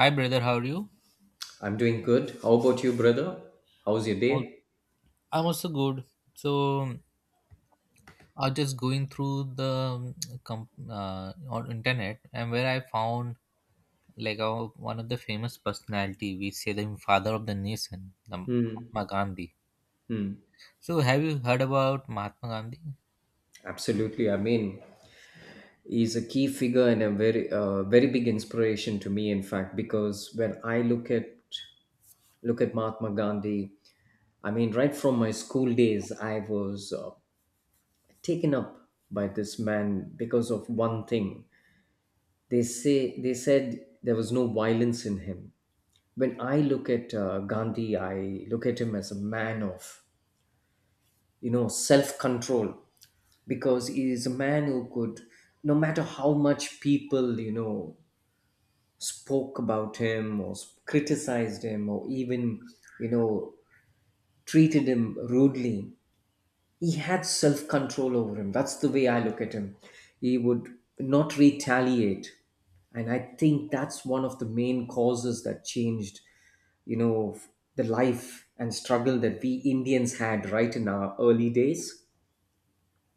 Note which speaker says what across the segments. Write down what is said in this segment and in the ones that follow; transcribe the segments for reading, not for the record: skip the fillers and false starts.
Speaker 1: Hi, brother. How are you?
Speaker 2: I'm doing good. How about you, brother? How's your
Speaker 1: Al-
Speaker 2: day?
Speaker 1: I'm also good. So I was just going through the on internet, and where I found one of the famous personality, we say the father of the nation, the
Speaker 2: Hmm.
Speaker 1: Mahatma Gandhi.
Speaker 2: Hmm.
Speaker 1: So have you heard about Mahatma Gandhi?
Speaker 2: Absolutely. I mean, he's a key figure and a very, very big inspiration to me. In fact, because when I look at Mahatma Gandhi, I mean, right from my school days, I was taken up by this man because of one thing. They said there was no violence in him. When I look at Gandhi, I look at him as a man of self control, because he is a man who could, no matter how much people spoke about him or criticized him or even you know treated him rudely, he had self control over him. That's the way I look at him. He would not retaliate, and I think that's one of the main causes that changed you know f- the life and struggle that we Indians had right in our early days.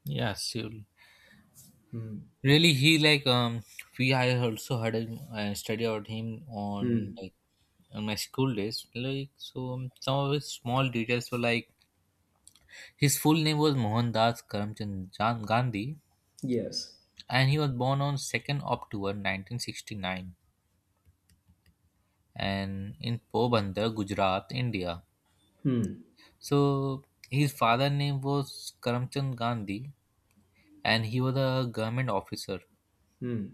Speaker 1: Yeah, surely. Really, he like we I also heard him study about him
Speaker 2: Hmm.
Speaker 1: on my school days. Like so, some of his small details were like his full name was Mohandas Karamchand Gandhi,
Speaker 2: Yes.
Speaker 1: and he was born on 2nd October 1969 and in Pobandar, Gujarat, India.
Speaker 2: Hmm.
Speaker 1: So his father name was Karamchand Gandhi, and he was a government officer.
Speaker 2: Hmm.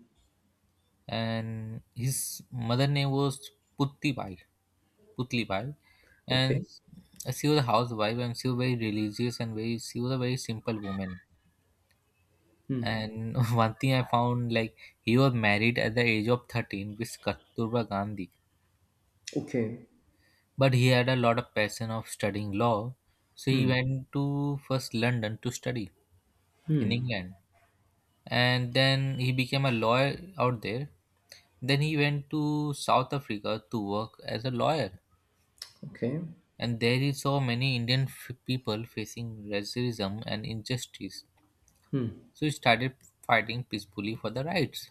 Speaker 1: And his mother name was Puttibai, Putlibai, and
Speaker 2: Okay.
Speaker 1: she was a housewife, and she was very religious and very she was a very simple woman.
Speaker 2: Hmm.
Speaker 1: And one thing I found like he was married at the age of 13 with Kasturba Gandhi,
Speaker 2: Okay.
Speaker 1: but he had a lot of passion of studying law, so he
Speaker 2: Hmm.
Speaker 1: went to first London to study in England, and then he became a lawyer out there. Then he went to South Africa to work as a lawyer,
Speaker 2: Okay.
Speaker 1: and there he saw many Indian people facing racism and injustice.
Speaker 2: Hmm.
Speaker 1: So he started fighting peacefully for the rights.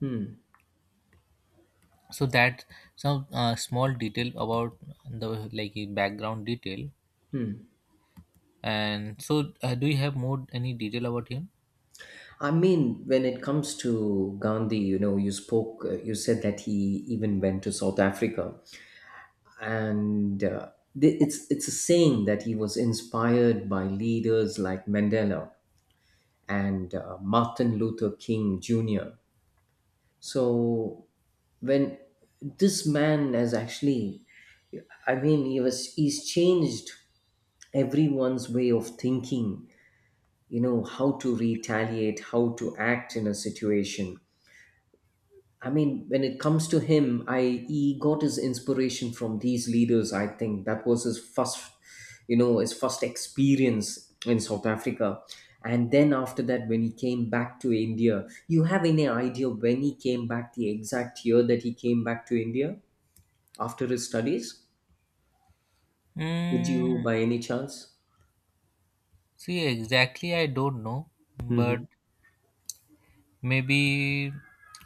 Speaker 2: Hmm.
Speaker 1: So that, some small detail about the like background detail, and so do you have more any detail about him?
Speaker 2: I mean, when it comes to Gandhi, you know, you said that he even went to South Africa, and it's a saying that he was inspired by leaders like Mandela and Martin Luther King Jr. So when this man has actually, I mean, he's changed everyone's way of thinking, how to retaliate, how to act in a situation. I mean, when it comes to him, I he got his inspiration from these leaders. I think that was his first experience in South Africa. And then after that, when he came back to India, you have any idea when he came back, the exact year that he came back to India after his studies? Would you
Speaker 1: mm,
Speaker 2: by any chance?
Speaker 1: See, exactly I don't know, but
Speaker 2: Hmm.
Speaker 1: maybe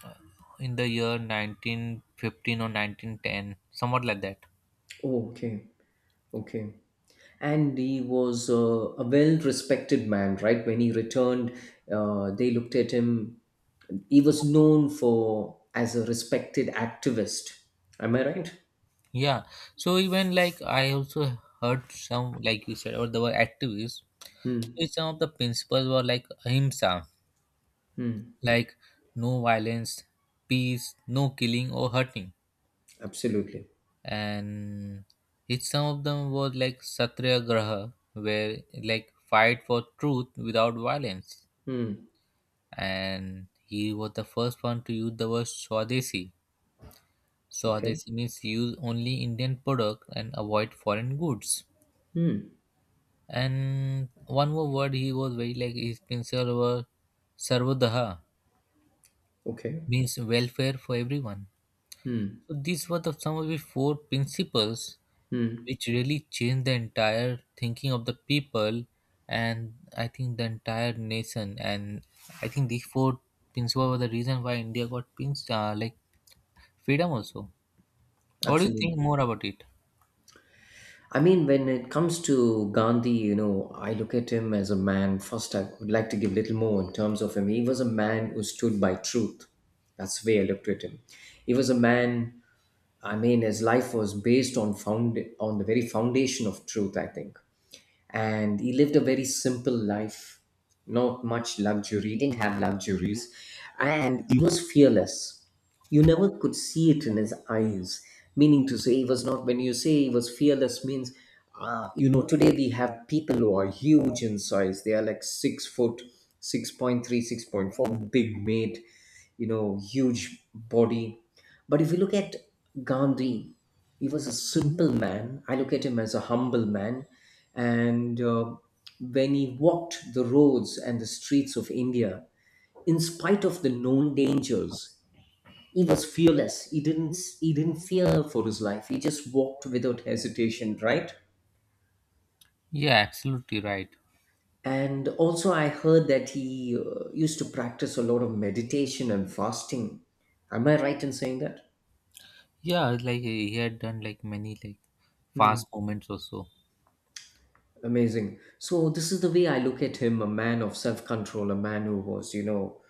Speaker 1: uh, in the year 1915 or 1910, somewhat like that.
Speaker 2: Oh, okay. Okay. And he was a well respected man, right, when he returned. They looked at him. He was known for as a respected activist. Am I right?
Speaker 1: Yeah. So even like I also heard, some like you said, or there were activists
Speaker 2: Hmm.
Speaker 1: which some of the principles were like ahimsa,
Speaker 2: Hmm.
Speaker 1: like no violence, peace, no killing or hurting.
Speaker 2: Absolutely.
Speaker 1: And each some of them was like Satyagraha, where like fight for truth without violence.
Speaker 2: Hmm.
Speaker 1: And he was the first one to use the word Swadeshi.
Speaker 2: Okay.
Speaker 1: Swadeshi means use only Indian product and avoid foreign goods.
Speaker 2: Hmm.
Speaker 1: And one more word he was very like his principle was Sarvodaha,
Speaker 2: Okay.
Speaker 1: means welfare for everyone.
Speaker 2: Hmm.
Speaker 1: So these were the some of the four principles
Speaker 2: Hmm.
Speaker 1: which really changed the entire thinking of the people, and I think the entire nation. And I think these four principles were the reason why India got pinched like freedom also. What do you think
Speaker 2: Absolutely.
Speaker 1: more about it?
Speaker 2: I mean, when it comes to Gandhi, you know, I look at him as a man. First, I would like to give little more in terms of him. He was a man who stood by truth. That's the way I looked at him. He was a man. I mean, his life was based on found on the very foundation of truth, I think. And he lived a very simple life, not much luxury, he didn't have luxuries, and he was fearless. You never could see it in his eyes, meaning to say, he was not. When you say he was fearless means, today we have people who are huge in size. They are like 6 foot, 6.3, 6.4, big made, huge body. But if you look at Gandhi, he was a simple man. I look at him as a humble man. And when he walked the roads and the streets of India, in spite of the known dangers, he was fearless. He didn't fear for his life. He just walked without hesitation, right?
Speaker 1: Yeah, absolutely right.
Speaker 2: And also, I heard that he used to practice a lot of meditation and fasting. Am I right in saying that?
Speaker 1: Yeah, like he had done like many like
Speaker 2: Hmm.
Speaker 1: fast movements also.
Speaker 2: Amazing. So this is the way I look at him, a man of self-control, a man who was,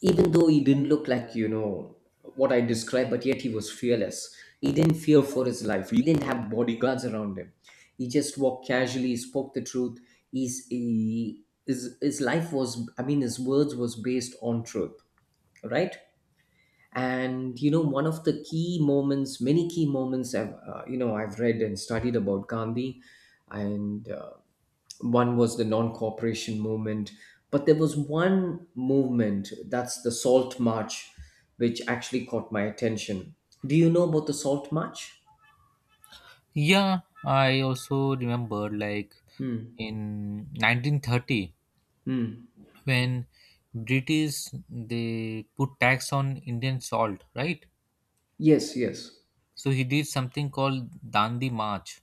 Speaker 2: even though he didn't look like, what I described, but yet he was fearless. He didn't fear for his life. He didn't have bodyguards around him. He just walked casually, he spoke the truth. His life was, I mean, his words was based on truth, right? And you know, one of the key moments, many key moments, I've read and studied about Gandhi, and one was the non-cooperation movement, but there was one movement, that's the Salt March, which actually caught my attention. Do you know about the Salt March?
Speaker 1: Yeah, I also remember like
Speaker 2: Hmm.
Speaker 1: in 1930
Speaker 2: Hmm.
Speaker 1: when British they put tax on Indian salt, right?
Speaker 2: Yes, yes.
Speaker 1: So he did something called Dandi March,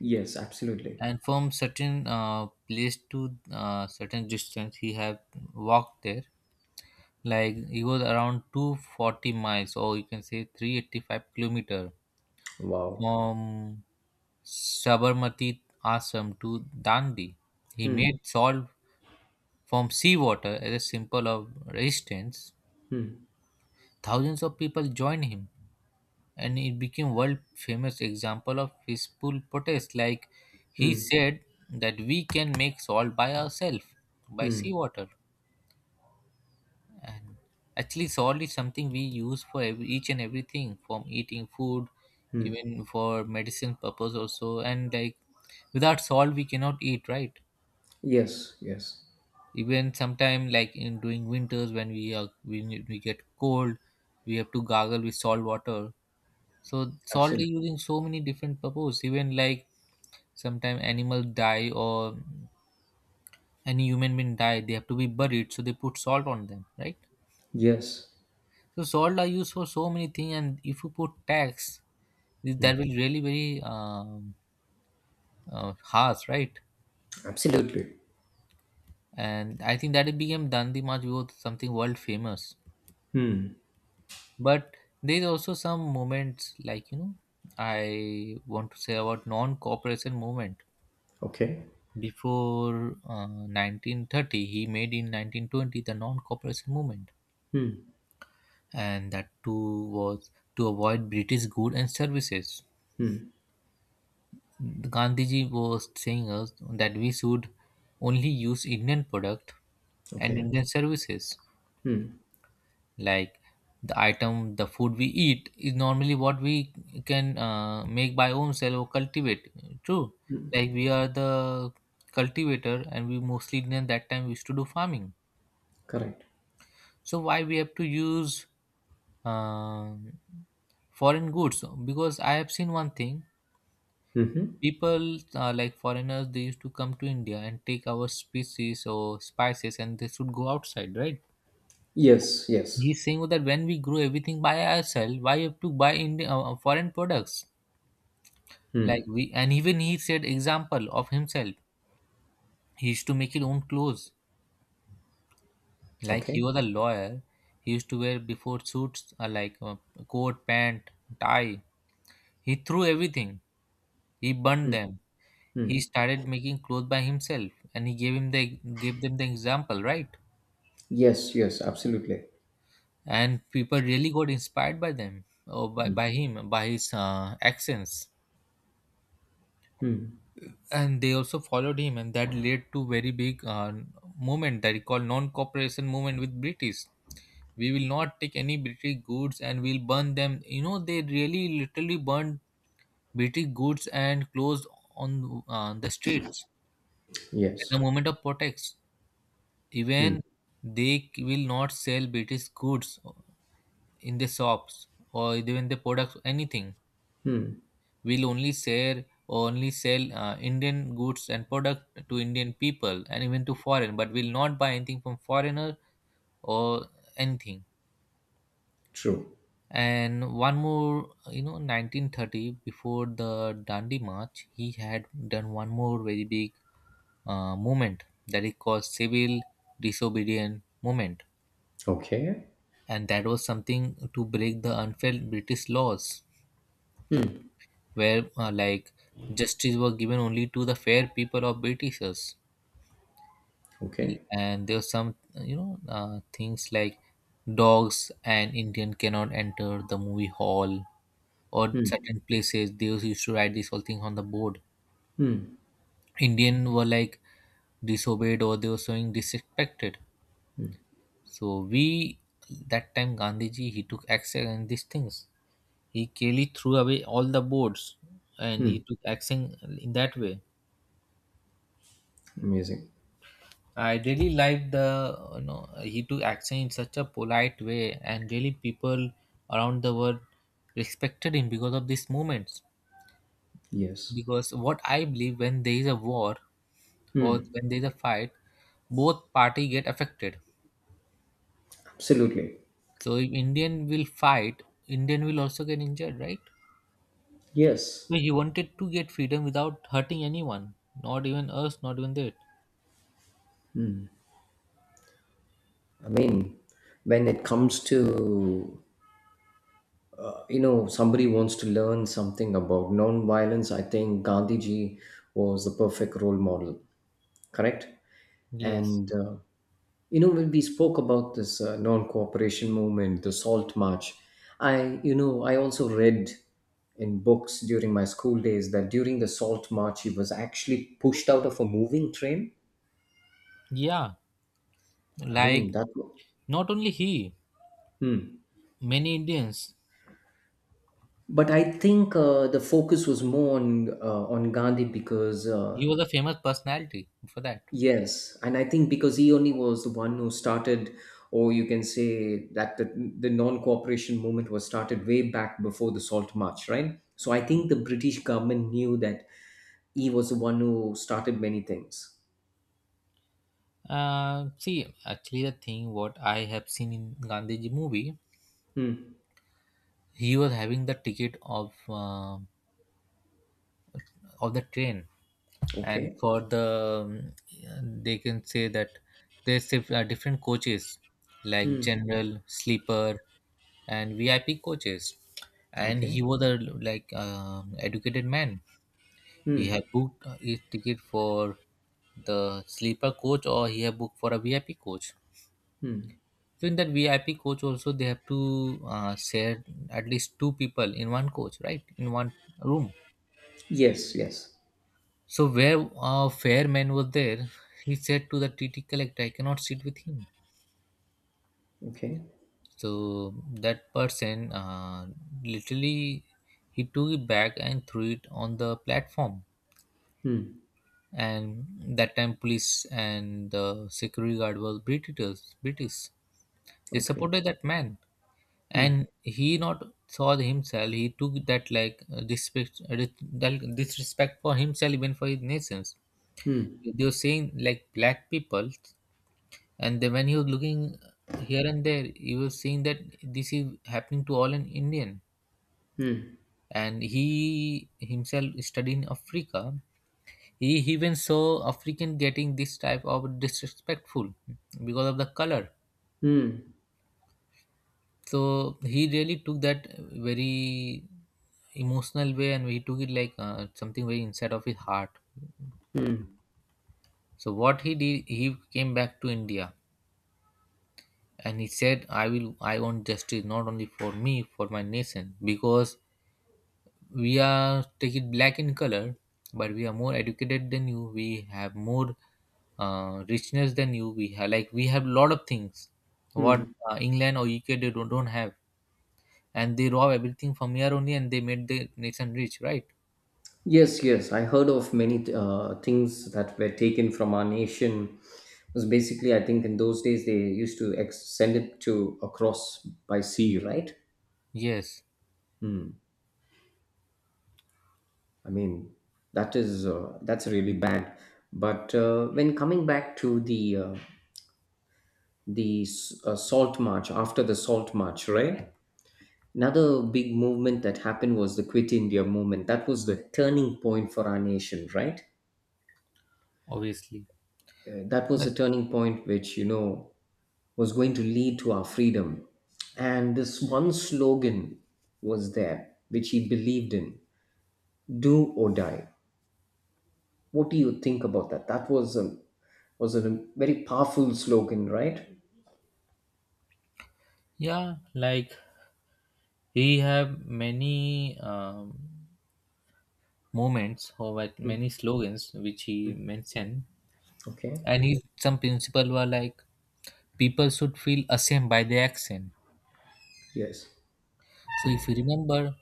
Speaker 2: Yes, absolutely.
Speaker 1: and from certain place to certain distance, he have walked there. Like it was around 240 miles, or you can say 385 kilometer
Speaker 2: Wow.
Speaker 1: from Sabarmati Ashram to Dandi. He
Speaker 2: Hmm.
Speaker 1: made salt from seawater as a symbol of resistance.
Speaker 2: Hmm.
Speaker 1: Thousands of people joined him, and it became world famous example of peaceful protest. Like he
Speaker 2: Hmm.
Speaker 1: said that we can make salt by ourselves by
Speaker 2: Hmm.
Speaker 1: seawater. And actually salt is something we use for every, each and everything, from eating food,
Speaker 2: Hmm.
Speaker 1: even for medicine purpose also. And like without salt we cannot eat, right?
Speaker 2: Yes, yes.
Speaker 1: Even sometime like in during winters, when we get cold, we have to gargle with salt water. So salt is
Speaker 2: Absolutely.
Speaker 1: using so many different purpose, even like sometimes animal die or any human being die, they have to be buried, so they put salt on them, right?
Speaker 2: Yes,
Speaker 1: So salt are used for so many things, and if you put tax, that will really very harsh, right?
Speaker 2: absolutely.
Speaker 1: And I think that it became Dandi March was something world famous. But there's also some moments like, I want to say about non-cooperation movement.
Speaker 2: Okay,
Speaker 1: Before 1930, he made in 1920 the non-cooperation movement, and that too was to avoid British goods and services. Gandhiji was saying us that we should only use Indian product and
Speaker 2: okay.
Speaker 1: Indian services. Like the item, the food we eat is normally what we can make by ourselves or cultivate. True, like we are the cultivator, and we mostly Indian that time used to do farming.
Speaker 2: Correct.
Speaker 1: So why we have to use um foreign goods? Because I have seen one thing.
Speaker 2: Mm-hmm.
Speaker 1: People like foreigners, they used to come to India and take our species or spices, and they should go outside, right?
Speaker 2: Yes, yes.
Speaker 1: He's saying that when we grow everything by ourselves, why you have to buy Indian foreign products? And even he said example of himself. He used to make his own clothes. Like he
Speaker 2: Okay.
Speaker 1: was a lawyer, he used to wear before suits like coat, pant, tie. He threw everything. He burned them. He started making clothes by himself, and he gave them the example, right?
Speaker 2: Yes, yes, absolutely.
Speaker 1: And people really got inspired by them, or by him, by his accents, and they also followed him, and that led to very big movement that he called non-cooperation movement with British. We will not take any British goods, and we'll burn them. They really literally burned British goods and clothes on the streets at
Speaker 2: Yes,
Speaker 1: the moment of protest. Even they will not sell British goods in the shops, or even the products, anything. Will only share or only sell Indian goods and product to Indian people, and even to foreign, but will not buy anything from foreigner or anything.
Speaker 2: true.
Speaker 1: And one more, 1930 before the Dandi March, he had done one more very big movement that he called civil disobedient movement,
Speaker 2: Okay.
Speaker 1: and that was something to break the unfair British laws, where like justice was given only to the fair people of Britishers.
Speaker 2: Okay.
Speaker 1: And there are some things like dogs and Indian cannot enter the movie hall, or certain places they used to write this whole thing on the board. Indian were like disobeyed, or they were showing disrespected. So we that time Gandhiji, he took action on these things. He clearly threw away all the boards, and he
Speaker 2: Hmm.
Speaker 1: took action in that way.
Speaker 2: Amazing.
Speaker 1: I really like the you know he took action in such a polite way, and really people around the world respected him because of these movements.
Speaker 2: Yes.
Speaker 1: Because what I believe, when there is a war or when there is a fight, both party get affected.
Speaker 2: Absolutely.
Speaker 1: So if Indian will fight, Indian will also get injured, right?
Speaker 2: Yes.
Speaker 1: So he wanted to get freedom without hurting anyone, not even us, not even that.
Speaker 2: I mean, when it comes to somebody wants to learn something about non-violence, I think Gandhiji was the perfect role model, correct?
Speaker 1: Yes.
Speaker 2: And when we spoke about this non-cooperation movement, the Salt March, I you know I also read in books during my school days that during the Salt March he was actually pushed out of a moving train.
Speaker 1: Yeah.
Speaker 2: I mean
Speaker 1: Like
Speaker 2: that.
Speaker 1: not only he,
Speaker 2: Hmm.
Speaker 1: many Indians.
Speaker 2: But I think the focus was more on Gandhi because
Speaker 1: He was a famous personality for that.
Speaker 2: Yes, and I think because he only was the one who started, or you can say that the non cooperation movement was started way back before the Salt March, right? So I think the British government knew that he was the one who started many things.
Speaker 1: See, actually, the thing what I have seen in Gandhiji movie,
Speaker 2: Hmm.
Speaker 1: he was having the ticket of the train, and
Speaker 2: Okay.
Speaker 1: for the they can say that there's different coaches like
Speaker 2: Hmm.
Speaker 1: general, sleeper, and VIP coaches, and
Speaker 2: Okay.
Speaker 1: he was a educated man. He
Speaker 2: Hmm.
Speaker 1: have booked his ticket for the sleeper coach, or he have booked for a VIP coach.
Speaker 2: Hmm.
Speaker 1: So in that VIP coach also they have to share at least two people in one coach, right? In one room.
Speaker 2: Yes. Yes.
Speaker 1: So where a fair man was there, he said to the TT collector, "I cannot sit with him."
Speaker 2: Okay.
Speaker 1: So that person literally he took it back and threw it on the platform.
Speaker 2: Hmm.
Speaker 1: And that time, police and the security guard was British. They
Speaker 2: Okay.
Speaker 1: supported that man,
Speaker 2: Hmm.
Speaker 1: and he not saw himself. He took that like respect that disrespect for himself, even for his nations.
Speaker 2: Hmm.
Speaker 1: They were saying like black people. And then when he was looking here and there, he was seeing that this is happening to all an Indian.
Speaker 2: Hmm.
Speaker 1: And he himself studied in Africa. He even saw African getting this type of disrespectful because of the color.
Speaker 2: Hmm.
Speaker 1: So he really took that very emotional way, and he took it like something very inside of his heart.
Speaker 2: Hmm.
Speaker 1: So what he did, he came back to India, and he said, I want justice, not only for me, for my nation, because we are take it black in color, but we are more educated than you. We have more richness than you. We have like we have lot of things what
Speaker 2: Hmm.
Speaker 1: England or UK they don't have, and they rob everything from here only, and they made the nation rich, right?
Speaker 2: Yes, yes, I heard of many things that were taken from our nation. It was basically, I think, in those days they used to send it to across by sea, right?
Speaker 1: Yes,
Speaker 2: Hmm. I mean, that's really bad. But when coming back to the Salt March, after the Salt March, right? Another big movement that happened was the Quit India movement. That was the turning point for our nation, right?
Speaker 1: obviously.
Speaker 2: That was the
Speaker 1: But
Speaker 2: turning point which was going to lead to our freedom. And this one slogan was there, which he believed in: do or die. What do you think about that? That was a very powerful slogan, right?
Speaker 1: yeah, like he have many moments or like
Speaker 2: Mm.
Speaker 1: many slogans which he mentioned,
Speaker 2: Okay.
Speaker 1: and he some principle were like people should feel ashamed by their action.
Speaker 2: Yes.
Speaker 1: So if you remember,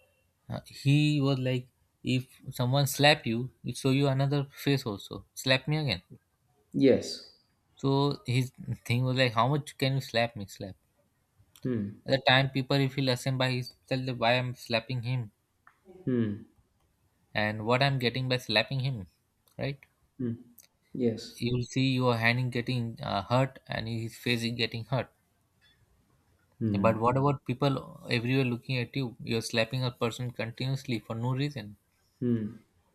Speaker 1: he was like, if someone slap you, it show you another face also. Slap me again.
Speaker 2: Yes.
Speaker 1: So his thing was like, how much can you slap me? Slap.
Speaker 2: Hmm.
Speaker 1: At the time, people he feel ashamed by himself that why I'm slapping him and what I'm getting by slapping him, right?
Speaker 2: Yes.
Speaker 1: You'll see your hand is getting hurt and his face is getting hurt, but what about people everywhere looking at you? You're slapping a person continuously for no reason,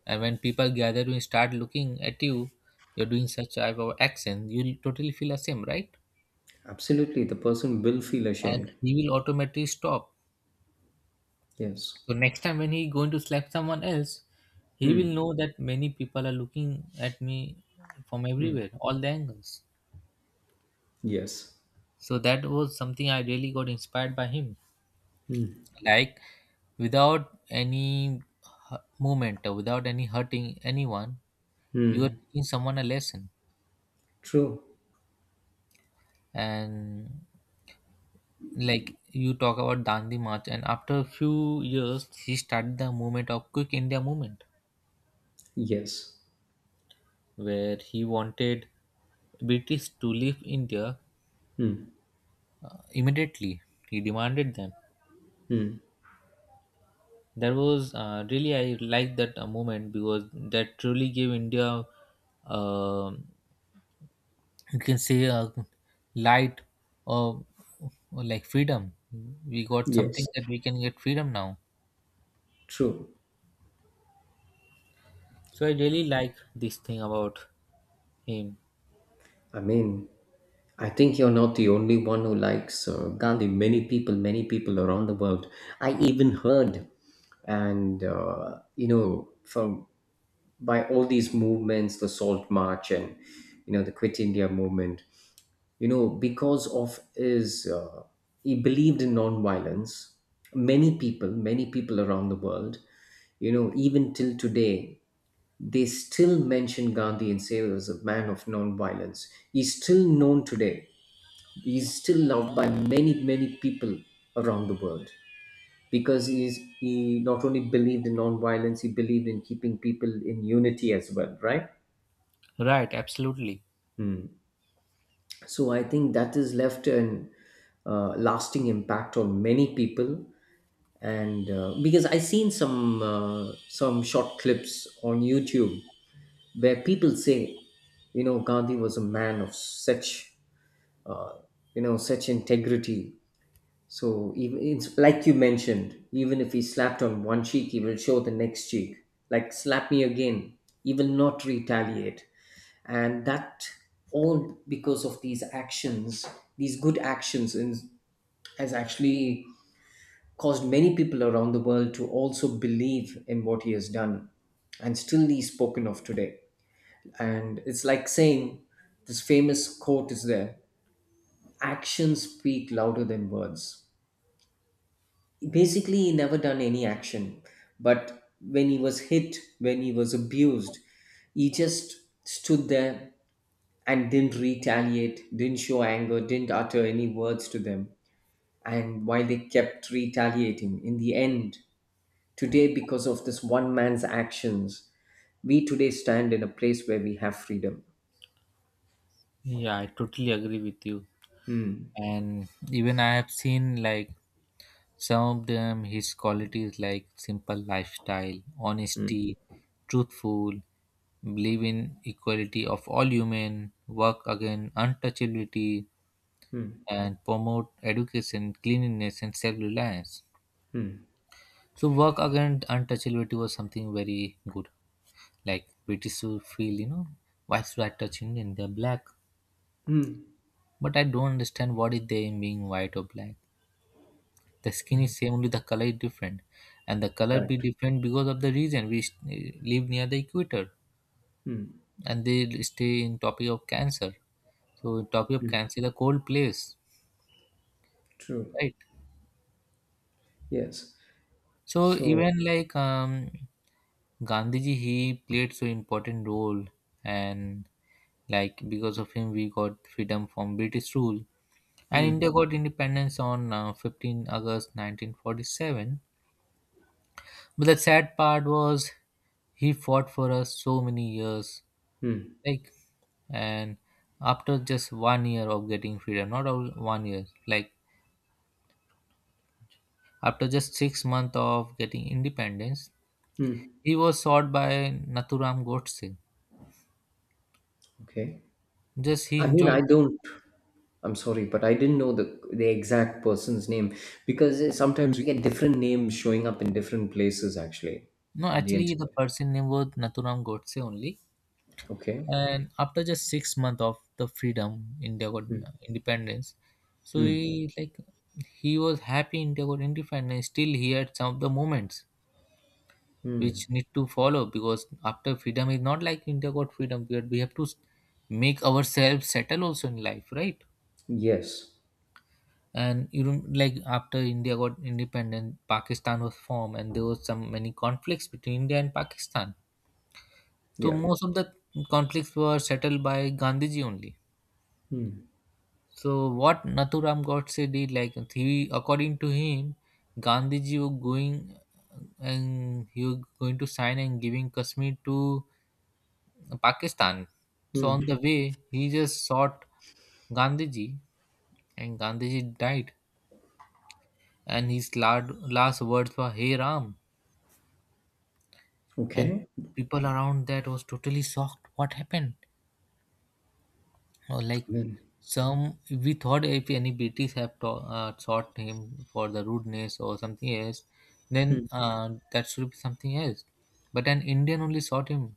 Speaker 1: and when people gather to start looking at you, you're doing such type of action, you'll totally feel ashamed, right?
Speaker 2: Absolutely. The person will feel
Speaker 1: And
Speaker 2: ashamed.
Speaker 1: he will automatically stop.
Speaker 2: Yes.
Speaker 1: So next time when he going to slap someone else, he will know that many people are looking at me from everywhere, all the angles.
Speaker 2: Yes.
Speaker 1: So that was something I really got inspired by him, like without any movement or without any hurting anyone, you are teaching someone a lesson.
Speaker 2: True.
Speaker 1: And like you talk about Dandi March, and after a few years he started the movement of Quick India Movement,
Speaker 2: Yes.
Speaker 1: where he wanted British to leave India immediately. He demanded them. That was really, I like that moment because that truly gave India, uh, you can say, a light or, or like freedom. We got something
Speaker 2: Yes.
Speaker 1: that we can get freedom now.
Speaker 2: True.
Speaker 1: So I really like this thing about him.
Speaker 2: I mean, I think you're not the only one who likes Gandhi. Many people around the world. I even heard, and from by all these movements, the Salt March and the Quit India movement. You know, because he believed in nonviolence. Many people around the world. You know, even till today, they still mention Gandhi and say he was a man of non-violence. He's still known today. He's still loved by many, many people around the world, because he not only believed in non-violence, he believed in keeping people in unity as well, right?
Speaker 1: Right, absolutely.
Speaker 2: Hmm. So I think that has left an lasting impact on many people. And because I seen some short clips on YouTube where people say, Gandhi was a man of uh, such integrity. So even it's like you mentioned, even if he slapped on one cheek, he will show the next cheek. Like slap me again, he will not retaliate, and that, all because of these good actions, has actually caused many people around the world to also believe in what he has done. And still he's spoken of today. And it's like saying, this famous quote is there, actions speak louder than words. Basically he never done any action, but when he was hit, when he was abused, he just stood there and didn't retaliate, didn't show anger, didn't utter any words to them. And while they kept retaliating, in the end, today, because of this one man's actions, we today stand in a place where we have freedom.
Speaker 1: Yeah, I totally agree with you.
Speaker 2: Hmm.
Speaker 1: And even I have seen like some of them his qualities like simple lifestyle,
Speaker 2: Hmm.
Speaker 1: honesty, truthful, believe in equality of all human, work against untouchability,
Speaker 2: Hmm.
Speaker 1: and promote education, cleanliness, and self-reliance.
Speaker 2: Hmm.
Speaker 1: So work against untouchability was something very good. Like British will feel, you know, why should I touch Indian? They're black.
Speaker 2: Hmm.
Speaker 1: But I don't understand what is they in being white or black. The skin is same, only the color is different. And the color be
Speaker 2: Correct.
Speaker 1: different because of the reason we live near the equator.
Speaker 2: Hmm.
Speaker 1: And they'll stay in topic of cancer, so topic of cancer is a cold place,
Speaker 2: True.
Speaker 1: right?
Speaker 2: Yes.
Speaker 1: So
Speaker 2: So.
Speaker 1: even like Gandhiji, he played so important role. And like because of him we got freedom from British rule, and India
Speaker 2: Hmm.
Speaker 1: got independence on 15 August 1947. But the sad part was he fought for us so many years,
Speaker 2: Hmm.
Speaker 1: like, and after just 1 year of getting freedom, not all 1 year, like, after just 6 months of getting independence,
Speaker 2: Hmm.
Speaker 1: he was shot by Nathuram Godse.
Speaker 2: Okay.
Speaker 1: Just he
Speaker 2: I mean,
Speaker 1: enjoyed
Speaker 2: I
Speaker 1: the,
Speaker 2: don't. I'm sorry, but I didn't know the exact person's name, because sometimes we get different names showing up in different places, actually,
Speaker 1: no,
Speaker 2: on the
Speaker 1: actually the
Speaker 2: internet.
Speaker 1: person name was Nathuram Godse only.
Speaker 2: Okay.
Speaker 1: And after just 6 months of the freedom, India got
Speaker 2: Hmm.
Speaker 1: independence. So
Speaker 2: Hmm.
Speaker 1: he like he was happy India got independence. Still he had some of the moments
Speaker 2: Hmm.
Speaker 1: which need to follow, because after freedom is not like India got freedom period. We have to make ourselves settle also in life, right?
Speaker 2: Yes.
Speaker 1: And you know, like after India got independent, Pakistan was formed and there was some many conflicts between India and Pakistan. So
Speaker 2: Yeah.
Speaker 1: most of the conflicts were settled by Gandhiji only. So what Nathuram Godse did, like, he according to him, Gandhiji was going and he was going to sign and giving Kashmir to Pakistan. So
Speaker 2: Hmm.
Speaker 1: on the way he just shot Gandhiji, and Gandhiji died. And his last, last words were hey Ram. And
Speaker 2: Okay.
Speaker 1: people around that was totally shocked what happened. Or like
Speaker 2: I mean,
Speaker 1: some, we thought if any British have taught him for the rudeness or something else, then
Speaker 2: hmm.
Speaker 1: that should be something else. But an Indian only sought him.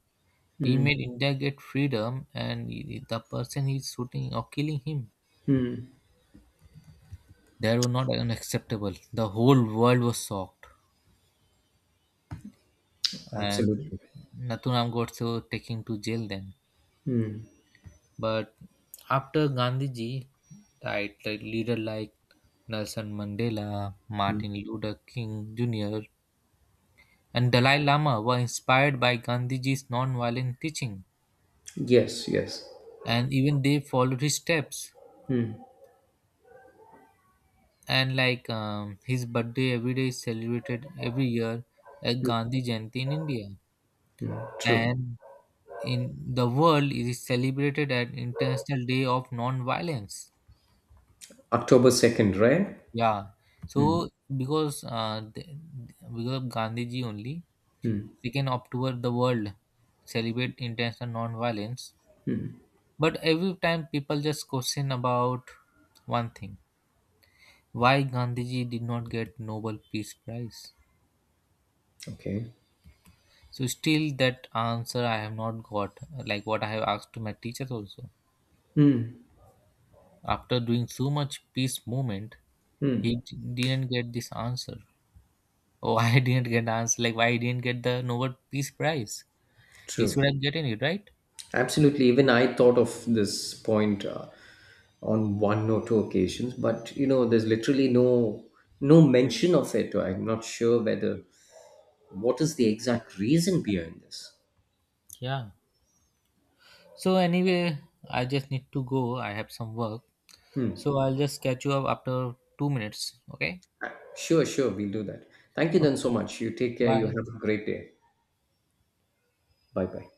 Speaker 1: He
Speaker 2: Hmm.
Speaker 1: made India get freedom and the person he's shooting or killing him,
Speaker 2: Hmm.
Speaker 1: that was not unacceptable. The whole world was shocked. And
Speaker 2: Absolutely.
Speaker 1: Nathuram got so taken to jail then. But after Gandhiji died, the leader like Nelson Mandela, Martin Luther King Jr., and Dalai Lama were inspired by Gandhiji's non-violent teaching,
Speaker 2: Yes. Yes.
Speaker 1: and even they followed his steps. And like his birthday every day is celebrated every year at Gandhi Jayanti in India,
Speaker 2: True.
Speaker 1: and in the world it is celebrated at International Day of Non-Violence.
Speaker 2: October 2nd, right?
Speaker 1: Yeah. So because uh, the, because of Gandhiji only, second October the world celebrate international non-violence. But every time people just question about one thing: why Gandhiji did not get Nobel Peace Prize?
Speaker 2: Okay.
Speaker 1: So still that answer I have not got. Like what I have asked to my teachers also. After doing so much peace movement, didn't get this answer. Oh, I didn't get the answer. Like why I didn't get the Nobel Peace Prize? You
Speaker 2: True.
Speaker 1: should have gotten it, right?
Speaker 2: Absolutely. Even I thought of this point. On one or two occasions, but you know, there's literally no mention of it. I'm not sure whether what is the exact reason behind this.
Speaker 1: Yeah. So anyway, I just need to go. I have some work. So I'll just catch you up after 2 minutes. Okay?
Speaker 2: Uh, Sure, sure, we'll do that. Thank you then so
Speaker 1: Okay.
Speaker 2: much. You take care. You
Speaker 1: Bye.
Speaker 2: have a great day. Bye bye.